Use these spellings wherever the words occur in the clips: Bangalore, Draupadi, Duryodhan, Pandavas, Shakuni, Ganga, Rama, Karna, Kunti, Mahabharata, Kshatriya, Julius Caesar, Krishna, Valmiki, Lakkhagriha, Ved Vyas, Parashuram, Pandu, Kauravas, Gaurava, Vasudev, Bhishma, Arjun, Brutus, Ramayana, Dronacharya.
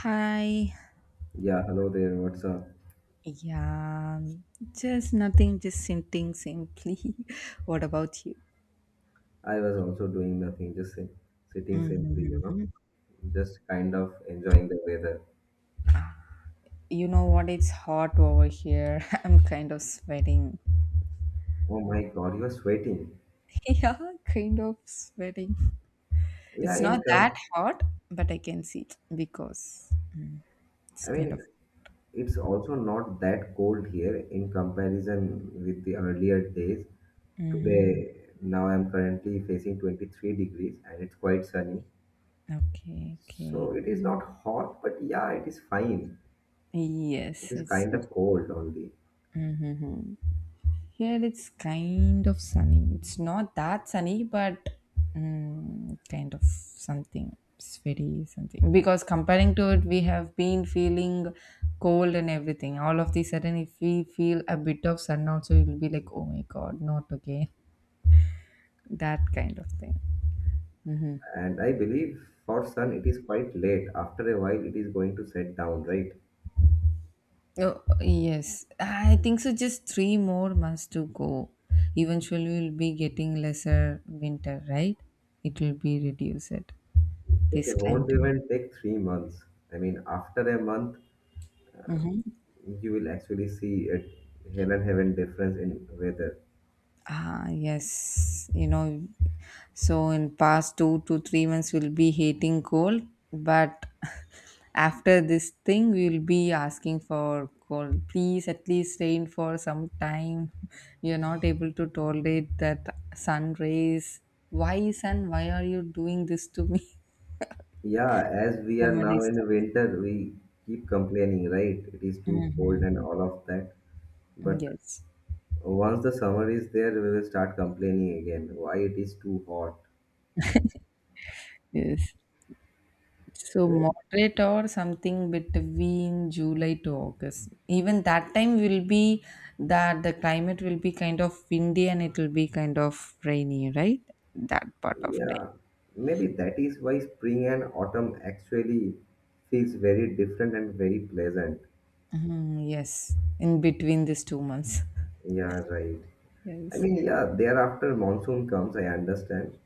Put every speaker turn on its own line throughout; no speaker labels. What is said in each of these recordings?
Hi.
Yeah, hello there. What's up?
Yeah, um, just nothing, just sitting simply. What about you?
I was also doing nothing, sitting simply, you know,
Mm-hmm.
just kind of enjoying the weather.
You know what? It's hot over here. I'm kind of sweating.
Oh my God, you are sweating.
Yeah, kind of sweating.
Yeah,
It's not
in
that
com-
hot, but I can see because it's
I
kind of.
mean, it's also not that cold here in comparison with the earlier days.
Mm-hmm.
Today, now I'm currently facing 23 degrees and it's quite sunny.
Okay, okay.
So it is not hot, but yeah, it is fine. It
Yes,
is
it's.
kind of cold only.
Mm-hmm. Here it's kind of sunny. It's not that sunny, but kind of something. It's very something. Because comparing to it, we have been feeling cold and everything. All of the sudden, if we feel a bit of sun also, it will be like, oh my god, not okay. That kind of thing. Hmm.
And I believe for sun, it is quite late. After a while, it is going to set down, right?
Oh, yes. I think so. Just three more months to go. Eventually, we'll be getting lesser winter, right? It will be reduced.
It
This climate.
won't even take 3 months. I mean, after a month,
Mhm.
you will actually see a hell and heaven difference in weather.
Ah, yes, you know, so in past 2 to 3 months we'll be hating cold, but after this thing we'll be asking for cold. Please at least rain for some time. You're not able to tolerate that sun rays. Why sun? Why are you doing this to me?
Yeah, as we are
Somebody
now
stop.
in winter, we keep complaining, right? It is too cold and all of that. But
Yes.
once the summer is there, we will start complaining again. Why it is too hot?
Yes. So
I mean,
moderate or something between July to August. Even that time will be that the climate will be kind of windy and it will be kind of rainy, right? That part of time.
Yeah, maybe that is why spring and autumn actually feels very different and very pleasant.
Mhm, yes, in between these 2 months.
Yeah, right. I
Yes.
mean, yeah, thereafter monsoon comes, I understand.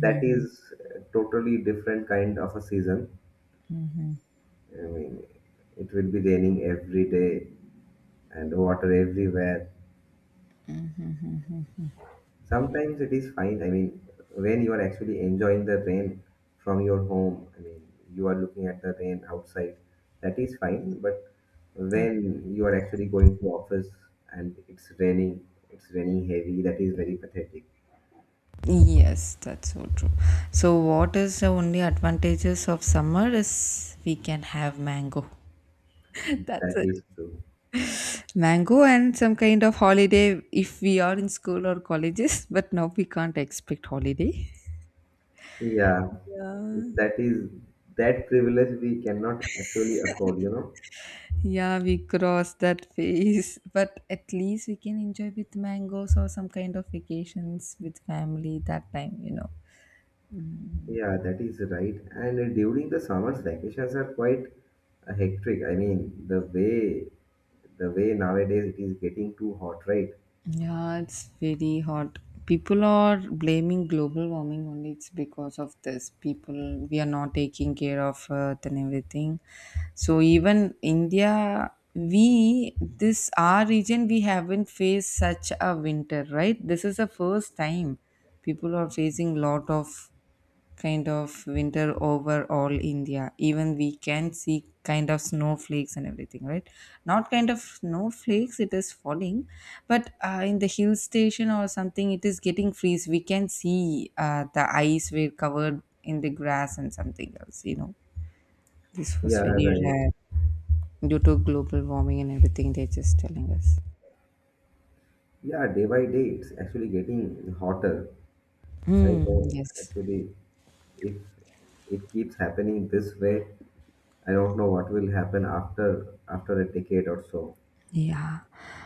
That is totally different kind of a season. I mean, it will be raining every day and water everywhere. Sometimes it is fine. I mean, when you are actually enjoying the rain from your home, I mean, you are looking at the rain outside, that is fine, but
Uh,
when you are actually going to office and it's raining heavy, that is very pathetic.
Yes, that's so true. So, what is the only advantages of summer is we can have mango. That's
That
it.
is true.
Mango and some kind of holiday if we are in school or colleges, but now we can't expect holiday.
Yeah,
Yeah.
that is, that privilege we cannot actually afford, you know.
Yeah, we cross that phase, but at least we can enjoy with mangoes or some kind of vacations with family that time,
Yeah, that is right. And during the summers, vacations are quite hectic. I mean, the way the way nowadays it is getting too hot, right?
Yeah, it's very hot. People are blaming global warming only. It's because of this. People, we are not taking care of Earth and everything. So even India, we this our region, we haven't faced such a winter, right? This is the first time people are facing lot of kind of winter over all India. Even we can see kind of snowflakes and everything, right? Not kind of snowflakes, it is falling, but in the hill station or something, it is getting freeze. We can see the ice were covered in the grass and something else, This
Yeah,
was very
right.
rare due to global warming and everything they're just telling us.
Yeah, day by day it's actually getting hotter. I
Hmm.
know
Yes.
actually, if it keeps happening this way, I don't know what will happen after a decade or so.
Yeah.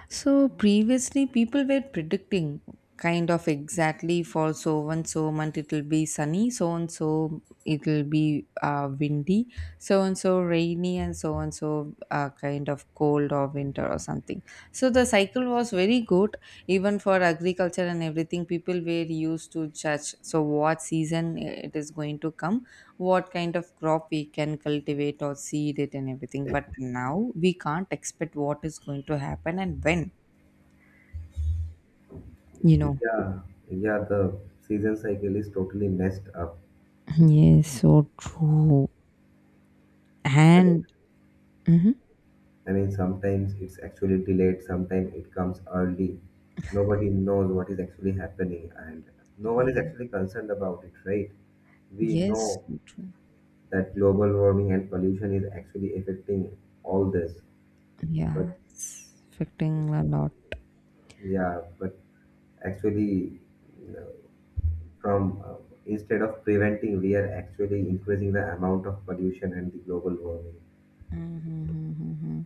So previously people were predicting kind of exactly for so and so month it'll be sunny, so and so it'll be windy, so and so rainy, and so kind of cold or winter or something. So the cycle was very good even for agriculture and everything. People were used to judge so what season it is going to come what kind of crop we can cultivate or seed it and everything. But now we can't expect what is going to happen and when, you know.
Yeah, yeah, the season cycle is totally messed up.
Yes, so true.
I mean,
And mhm.
I mean, sometimes it's actually delayed, sometimes it comes early. Nobody knows what is actually happening, and no one is
Yeah.
actually concerned about it, right? We
Yes,
know
so true.
that global warming and pollution is actually affecting all this,
Yeah,
but
it's affecting a lot.
yeah but actually, you know, from instead of preventing, we are actually increasing the amount of pollution and the global warming.
Mm-hmm.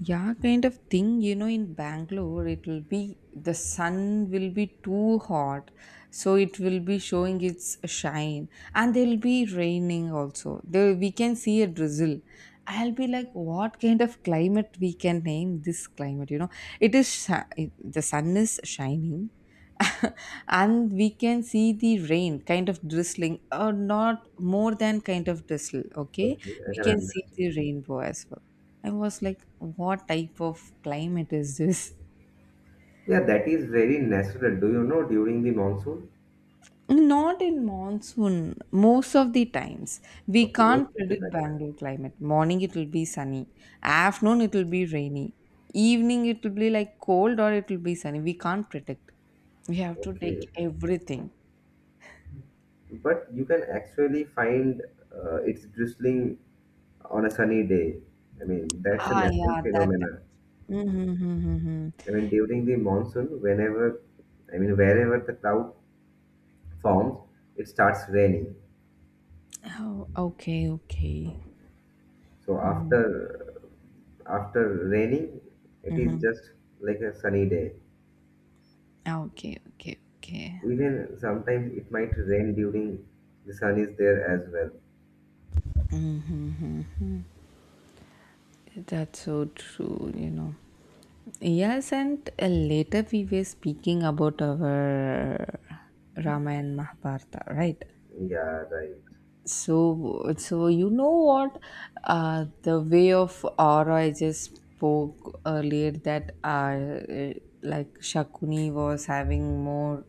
Yeah, kind of thing. You know, in Bangalore, it will be the sun will be too hot, so it will be showing its shine, and there will be raining also. There we can see a drizzle. I'll be like, what kind of climate we can name this climate? You know, it is shi- it- the sun is shining, and we can see the rain kind of drizzling, or not more than kind of drizzle. Okay,
Okay, I
we
can
can see
understand.
the rainbow as well. I was like, what type of climate is this?
Yeah, that is very natural. Do you know, during the monsoon,
Not in monsoon, most of the times. We
okay, most
can't
of the
predict
time,
Bangalore climate. Morning it will be sunny, afternoon it will be rainy, evening it will be like cold or it will be sunny. We can't predict. We have to take
okay,
everything.
but you can actually find, it's drizzling on a sunny day. I mean, that's a
Ah,
natural
yeah, that.
phenomenon.
Mm-hmm. Hmm.
I mean, during the monsoon, whenever, I mean, wherever the cloud forms, it starts raining.
Oh, okay, okay.
So after raining, it is
Mhm.
just like a sunny day.
Okay, okay, okay.
Even sometimes it might rain during the sun is there as well.
That's so true, you know. Yes, and later we were speaking about our Rama and Mahabharata, right?
Yeah, right.
So you know what? The way of aura I just spoke earlier that like Shakuni was having more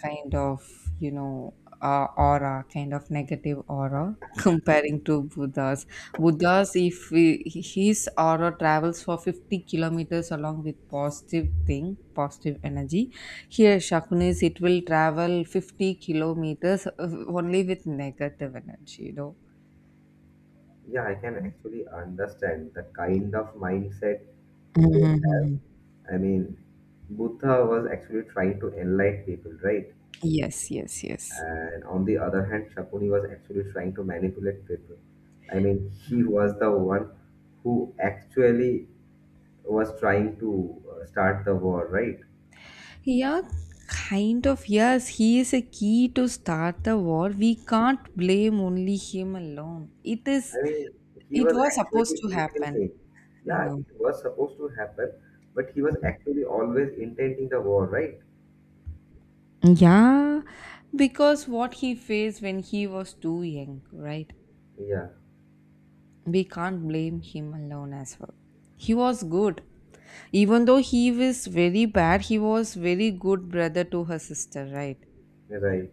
kind of aura, kind of negative aura aura comparing to Buddha's. Buddha's, if we, his aura travels for 50 kilometers along with positive thing, positive energy. Here, Shakunis, it will travel 50 kilometers only with negative energy,
Yeah, I can actually understand the kind of mindset they have.
Mhm.
I mean, Buddha was actually trying to enlighten people, right?
Yes, yes, yes.
And on the other hand, Shakuni was actually trying to manipulate people. I mean, she was the one who actually was trying to start the war, right?
Yeah, kind of. Yes, he is a key to start the war. We can't blame only him alone. It is.
I mean, he
It
was
was supposed
actually
to happen,
intending.
you
Yeah,
know.
it was supposed to happen, but he was actually always intending the war, right?
Yeah, because what he faced when he was too young, right?
Yeah,
We can't blame him alone as well. He was good. Even though he was very bad, he was very good brother to her sister, right?
right.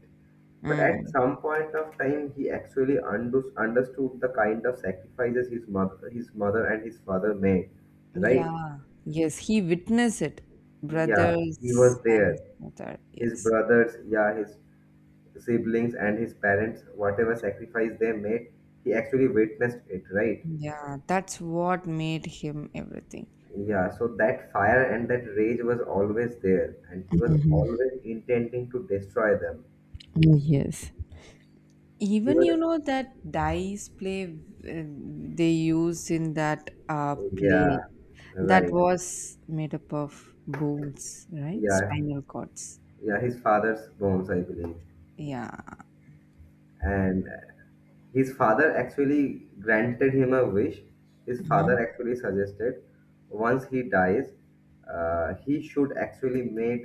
But at
Mm.
some point of time, he actually understood the kind of sacrifices his mother and his father made, right?
Yeah. Yes, he witnessed it.
Yeah, he was
Brothers and his
there.
mother,
His
yes.
brothers, yeah, his siblings and his parents, whatever sacrifice they made, he actually witnessed it, right?
Yeah, that's what made him everything.
Yeah, so that fire and that rage was always there, and he was
Mhm.
always intending to destroy them.
Yes.
He
Even
was,
you know that dice play, uh, they use in that play,
yeah,
that
right,
was made up of bones, right?
yeah,
Spinal cords.
yeah, his father's bones, I believe.
Yeah.
And his father actually granted him a wish. His
Mm-hmm.
father actually suggested once he dies, he should actually make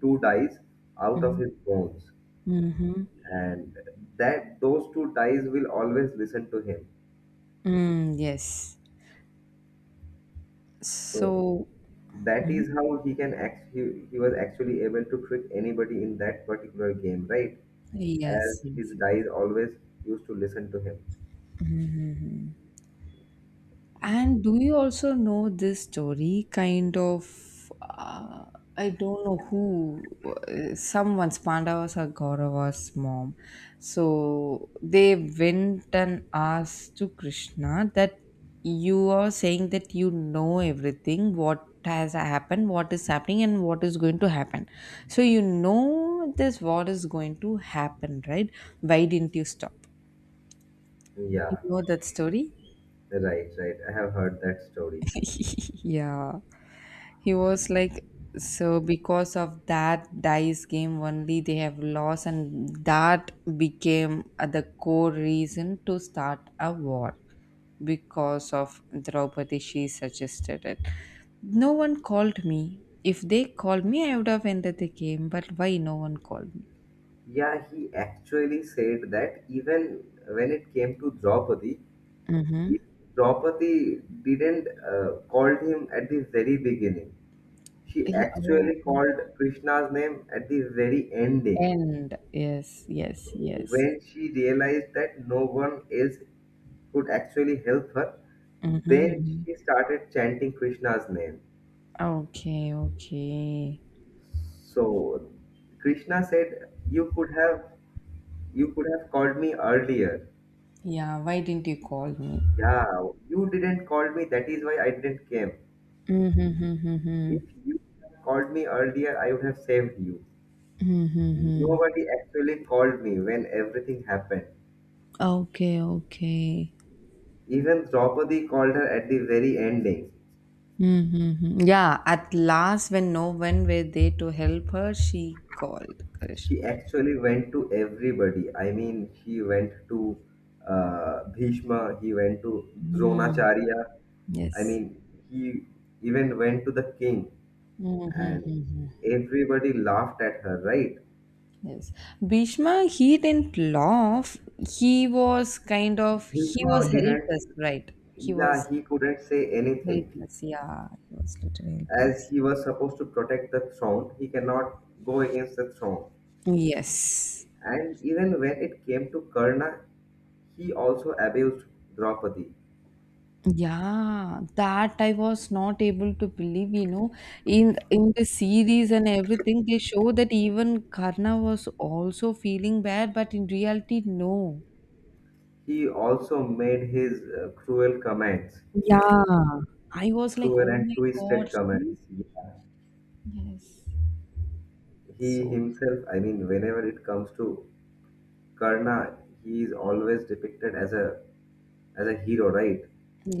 two dies out of
Mm-hmm.
his bones,
Mm-hmm.
and that those two dies will always listen to him.
Mm, yes.
So
So
that is
mhm.
how he can act. He was actually able to trick anybody in that particular game, right? As
Yes, yes,
his
yes.
dies always used to listen to him.
Mhm. And do you also know this story? Kind of, I don't know who, someone's Pandavas or Gaurava's mom. So they went and asked to Krishna that you are saying that you know everything, what has happened, what is happening, and what is going to happen. So you know this, what is going to happen, right? Why didn't you stop? You
Yeah,
know that story?
right, right. I have heard that story.
Yeah. He was like, so because of that dice game only they have lost, and that became the core reason to start a war because of Draupadi. She suggested it. No one called me. If they called me, I would have ended the game. But why no one called me?
Yeah, he actually said that even when it came to Draupadi,
Mm-hmm.
Draupadi didn't called him at the very beginning. She
Yeah. Oh,
actually
okay.
called Krishna's name at the very ending
And yes, yes, yes.
when she realized that no one else could actually help her. Then
Mm-hmm.
she started chanting Krishna's name.
Okay, okay.
So Krishna said, You could have called me earlier.
Yeah, why didn't you call me?
Yeah, you didn't call me. That is why I didn't came.
Mm-hmm.
If
Mm-hmm.
you had called me earlier, I would have saved you.
Mm-hmm, mm-hmm.
Nobody actually called me when everything happened.
Okay, okay.
Even Draupadi called her at the very ending.
Mm-hmm. Yeah, at last, when no one were there to help her, she called Krishna.
She actually went to everybody. I mean, she went to Bhishma. He went to
Mm,
Dronacharya. I
yes.
mean, he even went to the king, and
Mm-hmm.
everybody laughed at her, right?
Yes. Bhishma, he didn't laugh. He was kind of, he was
Bhishma
helpless,
didn't,
right? He
yeah,
was
he couldn't say anything.
helpless. Yeah, he was literally
As
helpless.
he was supposed to protect the throne, he cannot go against the throne.
Yes.
And even when it came to Karna, he also abused Draupadi.
Yeah, that I was not able to believe, in the series and everything, they show that even Karna was also feeling bad, but in reality, no.
He also made his cruel comments,
Yeah. I was like,
cruel
oh
and
my God,
twisted
he?
comments. Yeah.
Yes.
He
So,
himself, I mean, whenever it comes to Karna, he is always depicted as a hero, right?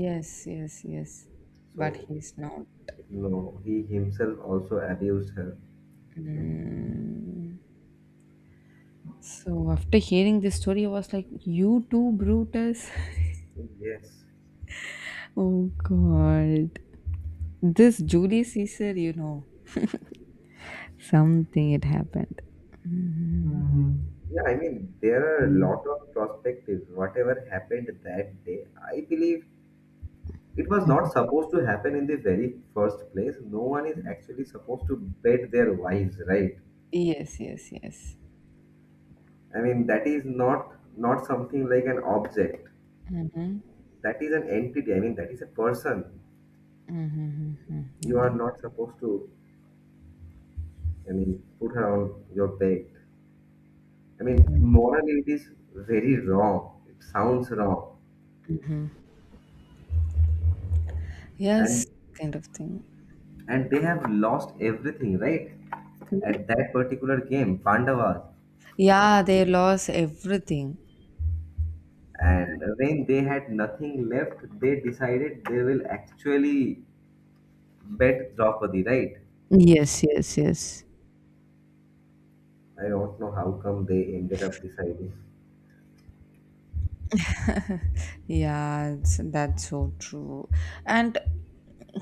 yes, yes, yes. But
So
he's not.
no, he himself also abused her.
Mm. So after hearing this story, I was like, you too, Brutus?
Yes.
Oh God. This Julius Caesar, you know. Something it happened. Mhm.
Yeah, I mean, there are a lot of perspectives. Whatever happened that day, I believe it was not supposed to happen in the very first place. No one is actually supposed to bed their wives, right?
Yes, yes, yes.
I mean, that is not not something like an object.
Hmm.
That is an entity. I mean, that is a person.
Hmm.
You are
Yes.
not supposed to, I mean, put her on your bed. I mean, morally, it is very wrong. It sounds wrong.
Yes,
And
kind of thing.
and they have lost everything, right, at that particular game, Pandavas,
Yeah, they lost everything.
and when they had nothing left, they decided they will actually bet Draupadi, right?
Yes, yes, yes.
I don't know how come they ended up deciding.
Yeah, it's, that's so true. And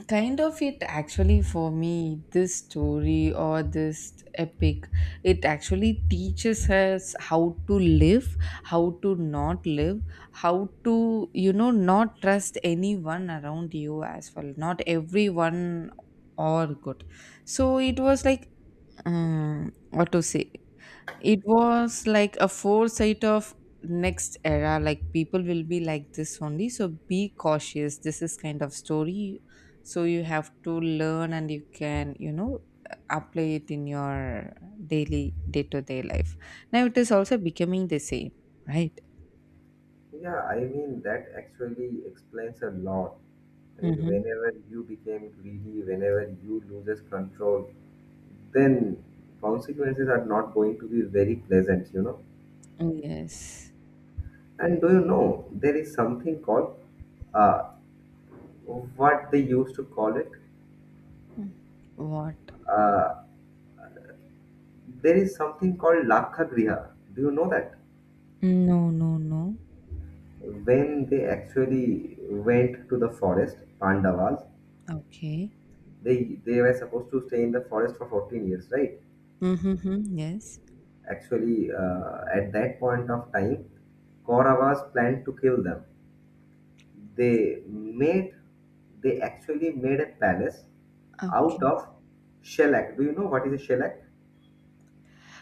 kind of it actually for me, this story or this epic, it actually teaches us how to live, how to not live, how to, not trust anyone around you as well. Not everyone or good. So it was like, what to say? It was like a foresight of next era, like people will be like this only. So be cautious. This is kind of story. So you have to learn and you can, apply it in your daily day to day life. Now it is also becoming the same, right?
Yeah, I mean, that actually explains a lot. I mean,
Mm-hmm.
whenever you became greedy, whenever you loses control, then consequences are not going to be very pleasant, you know.
Yes.
And do you know, there is something called uh, what they used to call it.
What?
Uh, there is something called Lakkhagriha. Do you know that?
No, no, no.
When they actually went to the forest, Pandavas,
Okay.
they were supposed to stay in the forest for 14 years, right?
Mm-hmm. Yes.
Actually, at that point of time, Kauravas planned to kill them. They made they actually made a palace out
Okay.
of shellac. Do you know what is a shellac?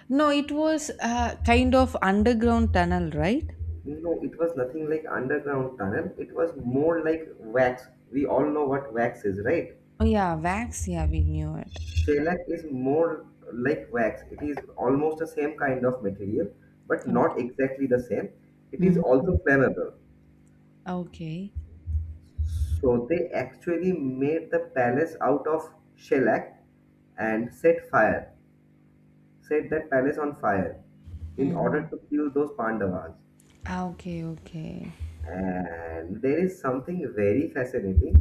No, it was kind of underground tunnel, right?
No, no, it was nothing like underground tunnel. It was more like wax. We all know what wax is, right?
Oh yeah, wax. Yeah, we knew it.
Shellac is more like wax. It is almost the same kind of material, but
Okay.
not exactly the same. It is also
Mhm.
flammable.
Okay.
So they actually made the palace out of shellac and set that palace on fire in
Mm-hmm.
order to kill those Pandavas.
Okay. Okay.
And there is something very fascinating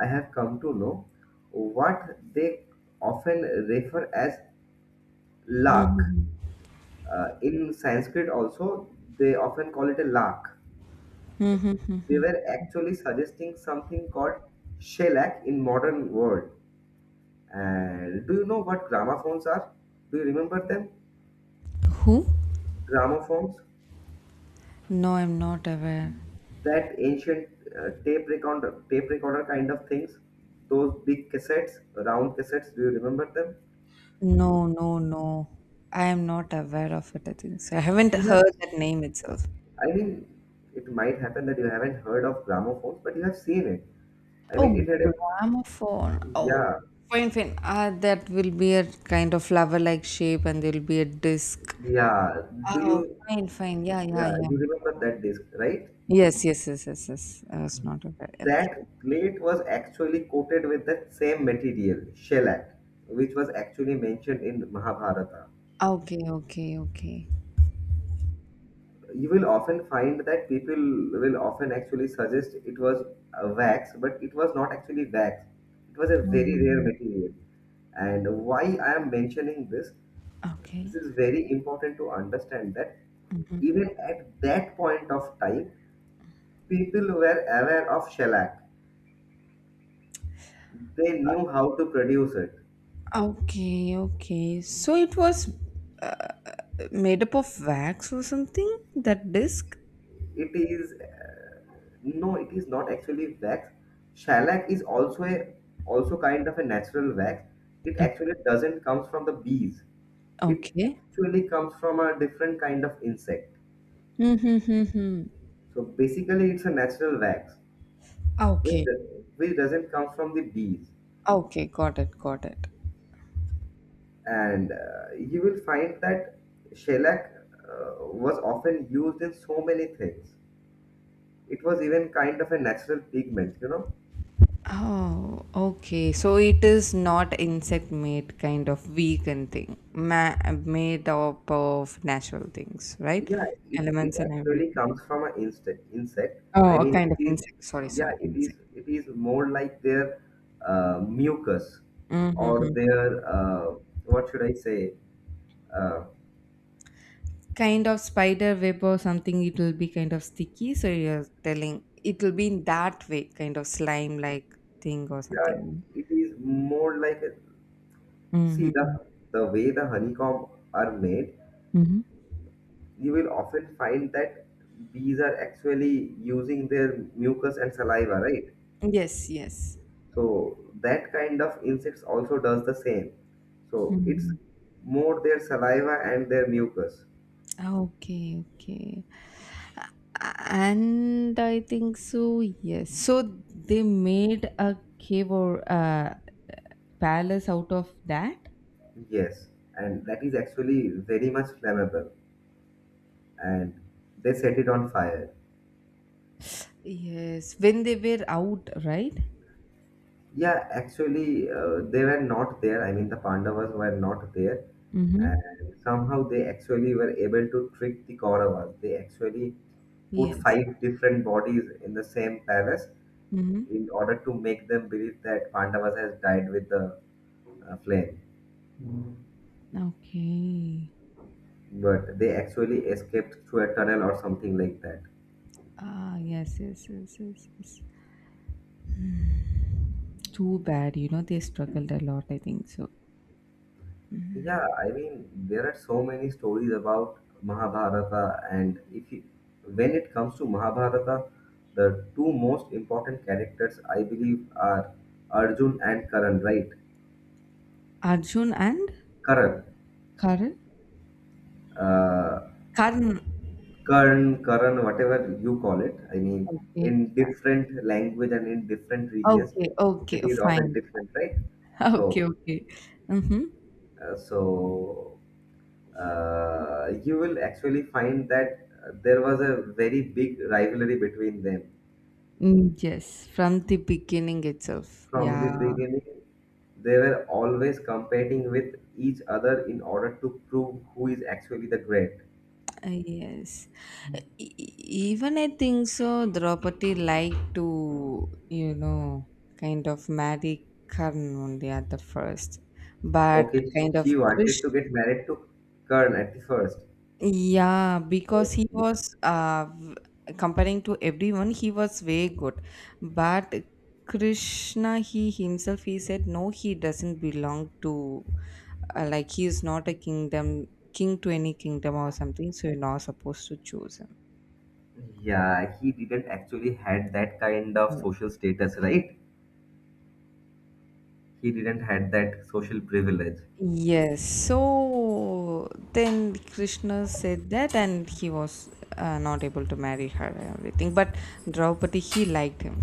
I have come to know what they often refer as luck.
Mm-hmm.
In Sanskrit, also, they often call it a lark. They
Mm-hmm.
were actually suggesting something called shellac in modern world. And do you know what gramophones are? Do you remember them?
Who?
Gramophones,
No, I'm not aware.
that ancient tape recorder kind of things. Those big cassettes, round cassettes. Do you remember them?
No, no, no. I am not aware of it. I think so. I haven't
You have,
heard that name itself.
I mean, it might happen that you haven't heard of gramophones, but you have seen it. I mean,
Oh,
it had a,
gramophone. Oh,
yeah,
fine, fine. Ah, that will be a kind of flower-like shape, and there will be a disc.
yeah.
Ah,
Do
oh,
you,
fine, fine. Yeah, yeah,
yeah,
yeah.
you remember that disc, right?
Yes, yes, yes, yes, yes. I was not aware. Okay.
That plate was actually coated with that same material, shellac, which was actually mentioned in Mahabharata.
Okay, okay, okay.
You will often find that people will often actually suggest it was a wax, but it was not actually wax. It was a very rare
Mhm.
material. And why I am mentioning this?
Okay.
This is very important to understand that even at that point of time, people were aware of shellac. They knew how to produce it.
Okay, okay. So it was uh, made up of wax or something, that disc?
It is no, it is not actually wax. Shellac is also kind of a natural wax. It
Uh,
actually doesn't comes from the bees. It
Okay.
actually comes from a different kind of insect.
Mhm.
So basically, it's a natural wax,
Okay.
which, which doesn't come from the bees.
Okay, got it, got it.
And you will find that shellac was often used in so many things. It was even kind of a natural pigment, you know.
Oh, okay. So it is not insect made kind of vegan thing, made up of natural things, right?
Yeah, it
Elements and
actually
everything.
comes from an insect. I
Oh, a
mean
kind of
it is,
insect. Sorry, sorry,
yeah, it is
insect.
it is more like their mucus or
Hmm.
their what should I say, uh,
Kind of spider web or something, it will be kind of sticky, so you're telling it will be in that way kind of slime like thing or
yeah,
something.
it is more like a, see,
Mm-hmm.
the way the honeycomb are made,
Mm-hmm.
you will often find that bees are actually using their mucus and saliva, right?
Yes, yes.
So that kind of insects also does the same. So it's
Mm-hmm.
more their saliva and their mucus.
Okay, okay. And I think so, yes. So they made a cave or a palace out of that?
Yes, and that is actually very much flammable, and they set it on fire.
Yes, when they were out, right?
Yeah, actually, they were not there. I mean, the Pandavas were not there, and
Mm-hmm.
somehow they actually were able to trick the Kauravas. They actually put
Yes.
five different bodies in the same palace
Mm-hmm.
in order to make them believe that Pandavas has died with the flame.
Okay.
But they actually escaped through a tunnel or something like that.
Ah, yes, yes, yes, yes, yes. Hmm. Too bad, you know, they struggled a lot, I think so.
Yeah, I mean, there are so many stories about Mahabharata, and if you, when it comes to Mahabharata, the two most important characters I believe are Arjun and Karan, right?
Arjun and
Karan,
Karan?
uh,
Karan,
Karn, Karan, whatever you call it. I mean,
okay.
in different language and in different regions,
Okay, okay,
it is often
fine.
different, right?
Okay,
So,
okay. Mm-hmm.
so you will actually find that there was a very big rivalry between them.
Mm, yes, from the beginning itself.
From the
Yeah.
beginning, they were always competing with each other in order to prove who is actually the great.
Yes. Uh, e- e- Even I think so, Draupadi liked to, you know, kind of marry Karan only at the first. But
Okay,
kind of
she
Krish.
wanted to get married to Kern at the first.
Yeah, because he
Okay.
was comparing to everyone, he was way good. But Krishna, he himself, he said, no, he doesn't belong to, like, he is not a kingdom, king to any kingdom or something. So you're not supposed to choose him.
Yeah, he didn't actually had that kind of
Yeah.
social status, right? He didn't had that social privilege.
Yes. So then Krishna said that, and he was not able to marry her and everything. But Draupadi, he liked him.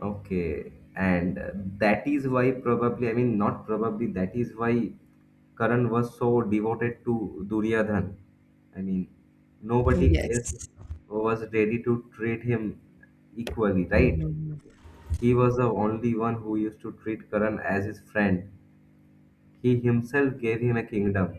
Okay, and that is why probably, I mean, not probably, that is why Karan was so devoted to Duryodhan. I mean, nobody
Yes.
else was ready to treat him equally, right?
Mhm.
He was the only one who used to treat Karan as his friend. He himself gave him a kingdom.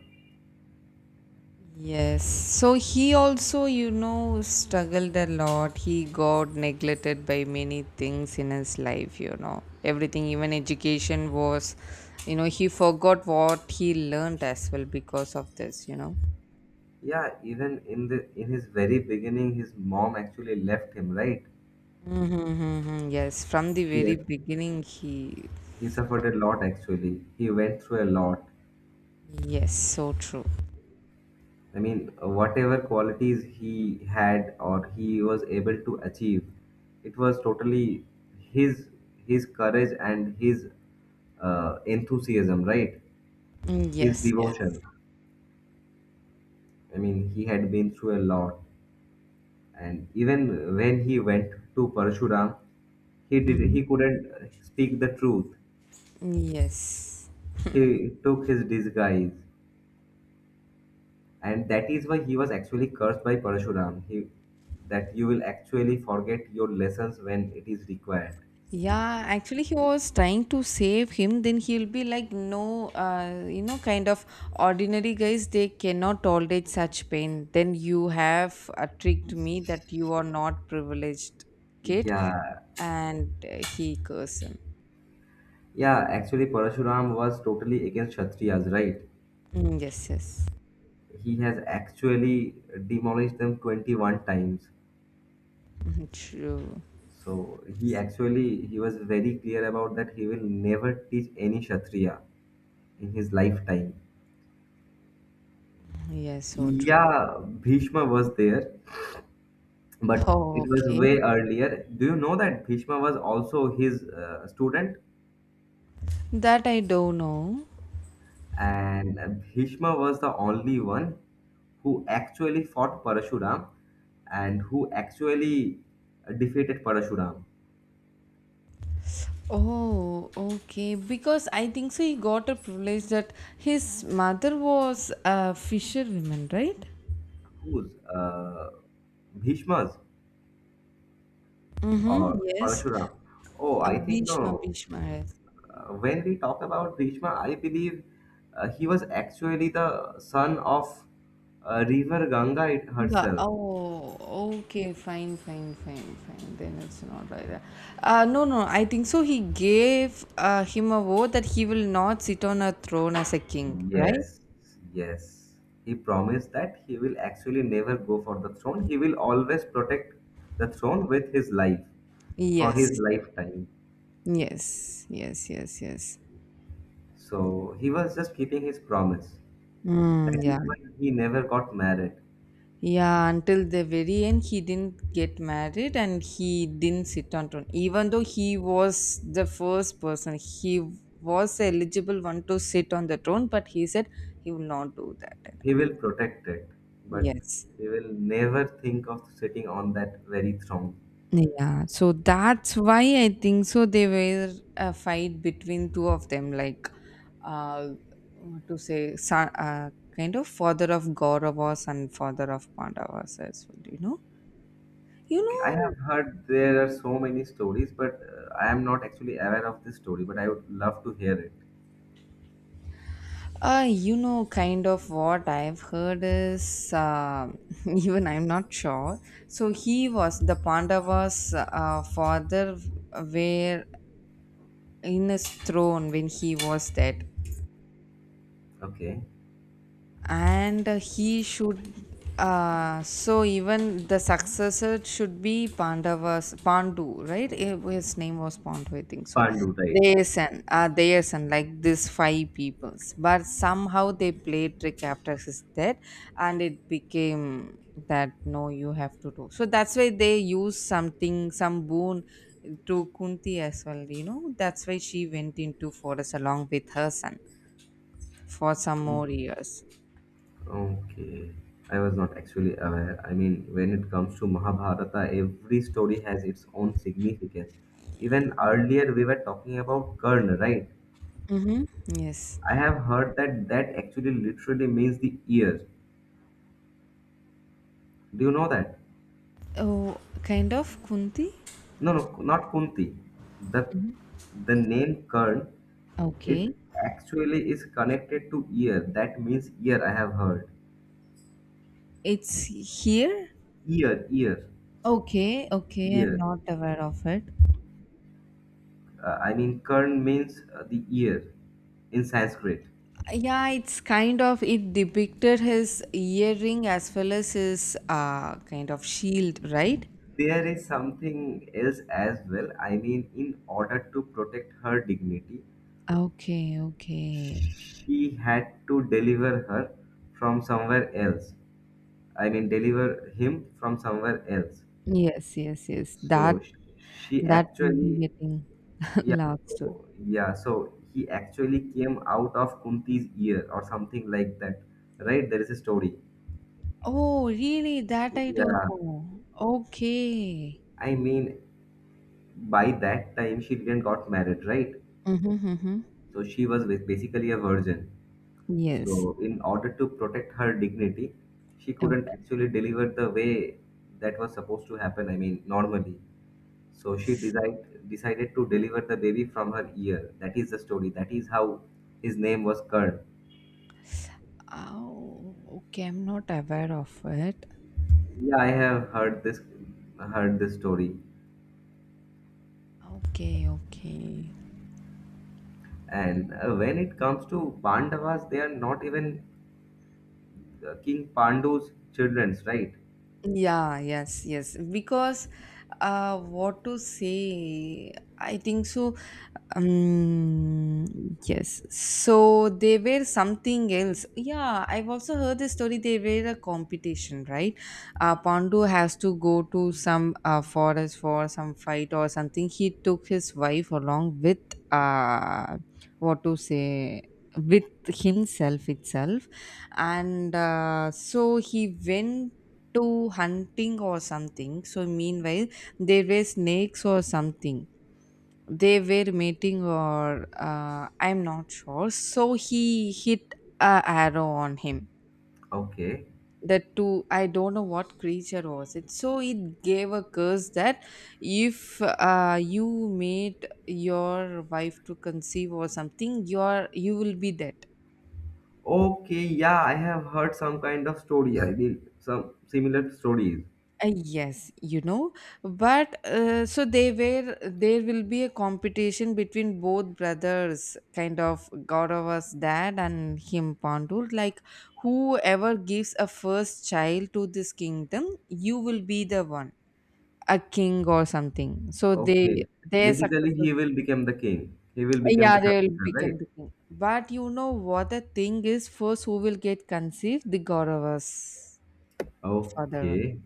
Yes. So he also, you know, struggled a lot. He got neglected by many things in his life, you know. Everything, even education was, you know, he forgot what he learned as well because of this, you know.
Yeah, even in the in his very beginning, his mom actually left him, right?
Mm-hmm, yes. From the
She
very beginning, he.
He suffered a lot actually. He went through a lot.
Yes, so true.
I mean, whatever qualities he had or he was able to achieve, it was totally his courage and his enthusiasm, right?
Mm,
His
yes, yes.
devotion. I mean, he had been through a lot, and even when he went to Parshuram,
Mm-hmm.
he couldn't speak the truth.
Yes.
He took his disguise, and that is why he was actually cursed by Parashuram. He that you will actually forget your lessons when it is required.
Yeah, actually, he was trying to save him. Then he'll be like, no, you know, kind of ordinary guys, they cannot tolerate such pain. Then you have tricked me that you are not privileged kid.
Yeah,
And he cursed him.
yeah. Actually, Parashuram was totally against Kshatriyas, right?
Mm, yes, yes.
He has actually demolished them 21 times.
Mhm, true.
So he was very clear about that he will never teach any Kshatriya in his lifetime.
Yes, so true.
Yeah, Bhishma was there, but
Oh,
it was
okay.
way earlier. Do you know that Bhishma was also his student?
That I don't know.
And Bhishma was the only one who actually fought Parashuram and who actually defeated Parashuram.
Oh, okay. Because I think so, he got a privilege that his mother was a fisherwoman, right?
Whose? Bhishma's
Mm-hmm.
or
Yes.
Parashuram? Oh, I think
Bhishma,
no.
Bhishma has.
When we talk about Bhishma, I believe he was actually the son of River Ganga it
Ga-
herself.
Oh, okay, fine, fine, fine, fine. Then it's not like that. No, no, I think so. He gave him a vow that he will not sit on a throne as a king, right?
Yes, yes. He promised that he will actually never go for the throne. He will always protect the throne with his life for
Yes,
his lifetime.
yes, yes, yes, yes.
So he was just keeping his promise. That
Mm,
is
yeah.
why he never got married.
Yeah, until the very end, he didn't get married and he didn't sit on throne. Even though he was the first person, he was eligible one to sit on the throne, but he said he will not do that.
He will protect it, but
Yes.
he will never think of sitting on that very throne.
Yeah, so that's why I think so. They were a fight between two of them, like uh, what to say, son, kind of father of Kauravas and father of Pandavas as well. You know, you
Okay, I have
know
heard there are so many stories, but I am not actually aware of this story, but I would love to hear it.
You know, kind of what I've heard is even I'm not sure. So he was the Pandavas' father were in his throne when he was dead.
Okay,
And he should so even the successor should be Pandavas Pandu, right? Eh, his name was Pandu, I think so.
Pandu, right?
Their son, like this five peoples, but somehow they played trick after his death, and it became that no, you have to do. So that's why they use something, some boon to Kunti as well. You know, that's why she went into forest along with her son for some more
Mhm.
years.
Okay, I was not actually aware. I mean, when it comes to Mahabharata, every story has its own significance. Even earlier, we were talking about Karna, right?
Mm-hmm. Yes.
I have heard that that actually literally means the ears. Do you know that?
Oh, kind of Kunti.
No, no, not Kunti. The
Mhm.
name Karn,
Okay.
it actually is connected to ear. That means ear. I have heard
It's here.
ear, ear,
Okay. Okay. I'm
ear.
not aware of it.
I mean, Karn means the ear in Sanskrit.
Yeah, it's kind of it depicted his earring as well as his kind of shield, right?
There is something else as well. I mean, in order to protect her dignity,
Okay. Okay.
she had to deliver her from somewhere else. I mean, deliver him from somewhere else.
Yes. Yes. Yes. That
So she
that will
actually,
be getting
yeah,
lost.
yeah. So he actually came out of Kunti's ear or something like that, right? There is a story.
Oh, really? That I don't
Yeah,
know. Okay.
I mean, by that time she didn't got married, right?
Mm-hmm, mm-hmm.
So she was basically a virgin.
Yes.
So, in order to protect her dignity, she couldn't actually deliver the way that was supposed to happen, I mean, normally. So, decided to deliver the baby from her ear. That is the story. That is how his name was Kern.
Oh, okay. I'm not aware of it.
Yeah, I have heard this story.
Okay, okay.
And when it comes to Pandavas, they are not even King Pandu's childrens, right?
Yeah, yes, yes. Because what to say? I think so. um yes, so they were something else. Yeah, I've also heard the story. They were a competition, right? Uh, Pandu has to go to some forest for some fight or something. He took his wife along with uh what to say, with himself itself. And so he went to hunting or something. So meanwhile, there were snakes or something. They were mating, or I'm not sure. So he hit a arrow on him,
Okay.
the two, I don't know what creature was it. So it gave a curse that if you made your wife to conceive or something, your you will be dead.
Okay, yeah, I have heard some kind of story. I mean, some similar stories.
Yes, you know, but so they were there will be a competition between both brothers, kind of Gaurava's dad and him Pandu. Like, whoever gives a first child to this kingdom, you will be the one, a king or something. So they
Okay.
their
Basically,
successors,
he will become the king. He will become
yeah,
the
they will
successor,
become
right?
the king. But you know what the thing is, first who will get conceived, the Gaurava's father only.
Okay.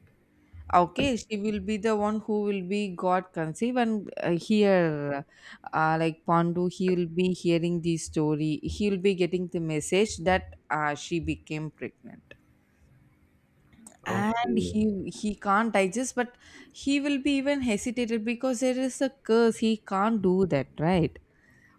Okay, she will be the one who will be got conceive. And here, like Pandu, he will be hearing the story. He will be getting the message that she became pregnant, and
Okay.
he can't digest, but he will be even hesitated because there is a curse. He can't do that, right?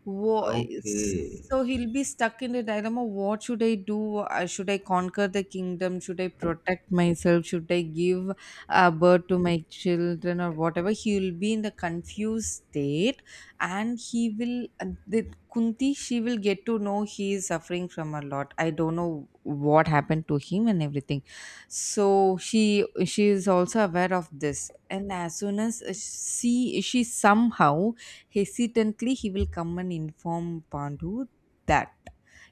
Wha-
Okay.
so he'll be stuck in the dilemma. What should I do? Should I conquer the kingdom, should I protect myself, should I give birth to my children or whatever? He'll be in the confused state, and he will the Kunti, she will get to know he is suffering from a lot. I don't know what happened to him and everything. So she is also aware of this, and as soon as she somehow hesitantly, he will come and inform Pandu that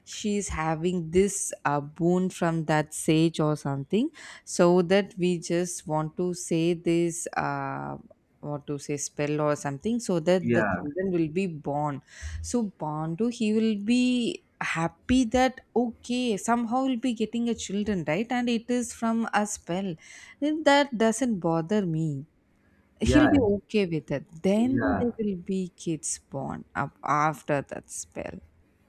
she is having this boon from that sage or something, so that we just want to say this. What to say, spell or something, so that the
Yeah.
children will be born. So Pandu, he will be happy that okay, somehow he'll be getting a children, right? And it is from a spell. Then that doesn't bother me, he'll
Yeah.
be okay with it. Then
Yeah.
there will be kids born up after that spell.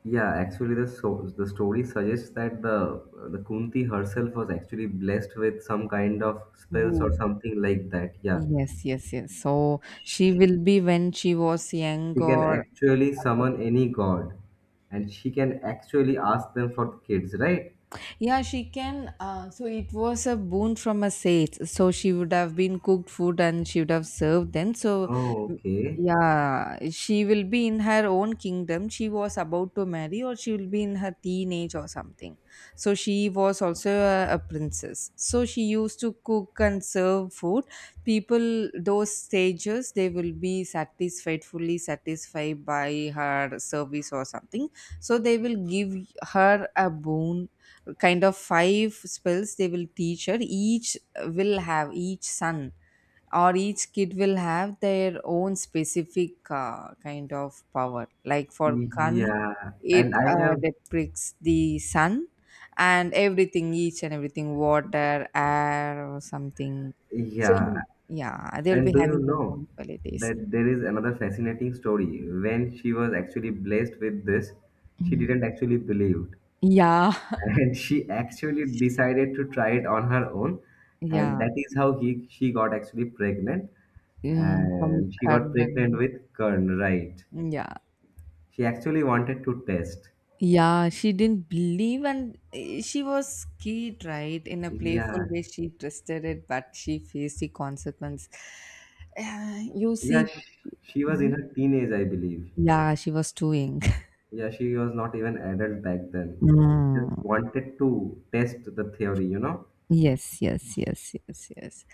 Yeah. Actually, the story suggests that the Kunti herself was actually blessed with some kind of spells or
Boom.
something like that. Yeah.
Yes, yes, yes. So she will be when she was young
She can
or
actually
about.
summon any god, and she can actually ask them for kids, right?
Yeah, she can. So it was a boon from a sage. So she would have been cooked food and she would have served them. So,
Oh,
mm,
okay.
yeah, she will be in her own kingdom. She was about to marry, or she will be in her teenage or something. So she was also a princess. So she used to cook and serve food. People, those sages, they will be satisfied, fully satisfied by her service or something, so they will give her a boon, kind of five spells they will teach her. Each will have each son, or each kid will have their own specific kind of power, like for kan,
Yeah,
it
and I have.
depicts the sun and everything, each and everything, water, air or something. So
Yeah,
yeah, they'll be
and do you
having their
know
own qualities.
that there is another fascinating story? When she was actually blessed with this, she
Mm.
didn't actually believe.
Yeah,
And she actually decided to try it on her own. And
yeah.
that is how he she got actually pregnant.
Mm, from
And she got pregnant
karnan,
with Kern, right?
yeah.
She actually wanted to test.
Yeah, she didn't believe, and eh, she was scared, right? In a playful
Yeah.
way, she trusted it, but she faced the consequence. You
Yeah,
see,
she was in
mhm.
her teenage, I believe.
Yeah, she was too young.
Yeah, she was not even adult back then.
Mm,
Just wanted to test the theory, you know?
yes, yes, yes, yes, yes.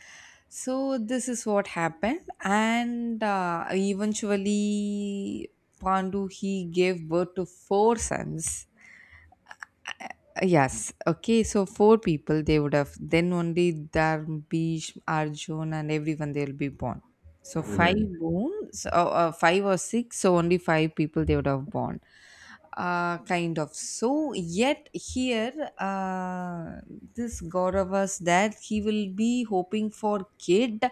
So this is what happened, and eventually, Pandu he gave birth to four sons. Yes. Okay. So four people they would have, then only Darbish, Arjun, and everyone they'll be born. So five
Right.
bones, five or six. So only five people they would have born. Kind of. So yet here, uh, this god of us that he will be hoping for kid,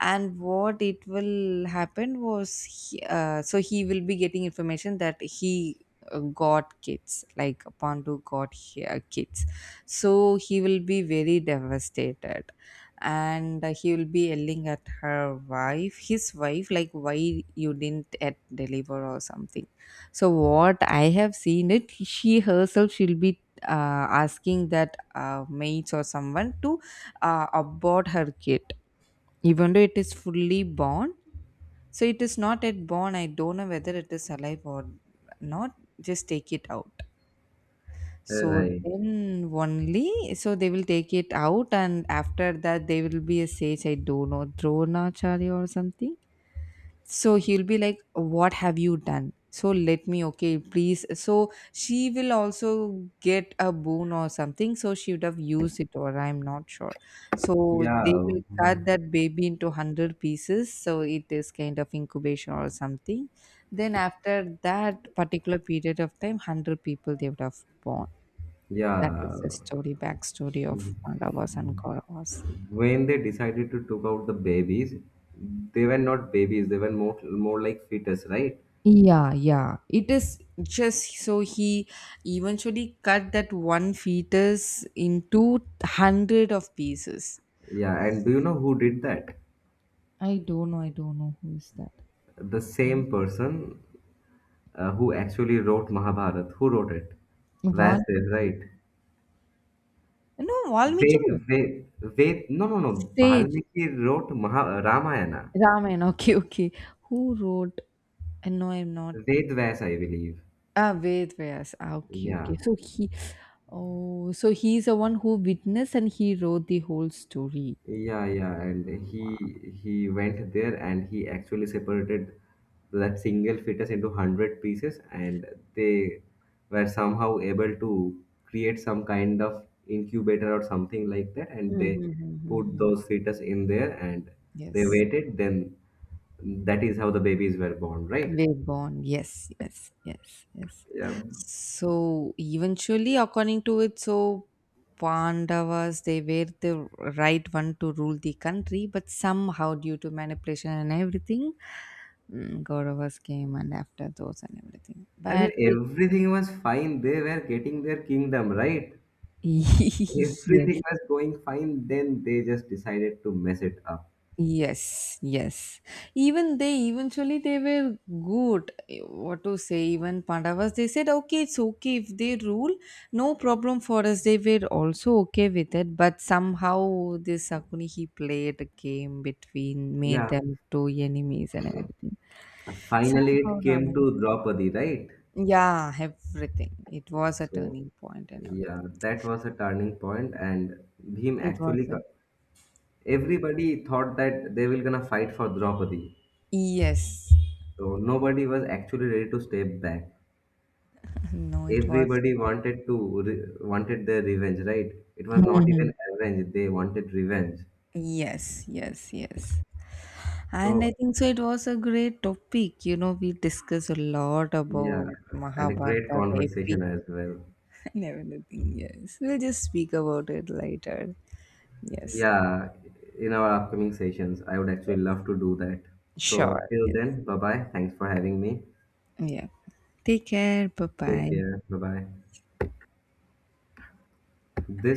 and what it will happen was, he, so he will be getting information that he got kids, like Pandu got kids. So he will be very devastated, and he will be yelling at her wife, his wife, like why you didn't yet deliver or something. So what I have seen it, she herself she'll be asking that maids or someone to abort her kid, even though it is fully born. So it is not yet born, I don't know whether it is alive or not, just take it out. So
Right.
then only, so they will take it out, and after that, there will be a sage, I don't know, Dronacharya or something. So he'll be like, what have you done? So let me, okay, please. So she will also get a boon or something. So she would have used it, or I'm not sure. So they
Yeah.
will cut that baby into 100 pieces. So it is kind of incubation or something. Then after that particular period of time, 100 people they would have born, that
Yeah.
is the story, backstory of Pandavas and Kauravas.
When they decided to took out the babies, they were not babies, they were more like fetus, right?
Yeah, yeah. It is. Just so he eventually cut that one fetus into hundred of pieces.
Yeah, and do you know who did that?
I don't know, who is that.
The
Mm.
same person who actually wrote Mahabharat. Who wrote it?
What?
Vasudev, right?
No, Valmiki.
Ved, no, no, no.
Sage.
Valmiki wrote Maha, Ramayana.
Ramayana. Okay, okay. Who wrote? No, I'm not.
Ved Vyas, I believe.
Ah, Ved Vyas. Ah, okay,
Yeah,
okay. So he, oh, so he's the one who witnessed and he wrote the whole story.
yeah. And he went there and he actually separated that single fetus into 100 pieces, and they were somehow able to create some kind of incubator or something like that, and
Mhm,
they
mhm,
put
mhm.
those fetus in there and they
Yes,
waited. Then that is how the babies were born, right?
wave born. Yes, yes, yes, yes.
Yeah.
So eventually, according to it, so Pandavas they were the right one to rule the country, but somehow due to manipulation and everything, mm, Kauravas came and after those and everything.
I mean,
But it
everything was fine. They were getting their kingdom, right?
yes,
Everything was going fine, then they just decided to mess it up.
yes, yes. Even they, eventually they were good. Eh, what to say? Even Pandavas, they said, okay, it's okay if they rule, no problem for us. They were also okay with it. But somehow this Sakuni, he played a game between, made
Yeah,
them two enemies and everything.
finally
Somehow
it came
Raman.
to Draupadi, right?
Yeah, everything. It was a
So,
turning point and
yeah,
everything.
that was a turning point, and Bhim
It
actually
was a,
got, everybody thought that they were gonna fight for Draupadi.
yes.
So nobody was actually ready to step back.
No, it was.
Everybody wanted to wanted their revenge, right? It was not even
Mhm.
revenge; they wanted revenge.
Yes, yes, yes. And I
So
think so. It was a great topic. You know, we discussed a lot
yeah,
about
and a great
Mahabharata, the
conversation
epic,
as well.
and everything. Yes, we'll just speak about it later. Yes,
Yeah, in our upcoming sessions, I would actually love to do that.
sure.
So, till
Yes.
then, bye bye. Thanks for having me.
Yeah. Take care. Bye bye.
Take care. Bye bye. This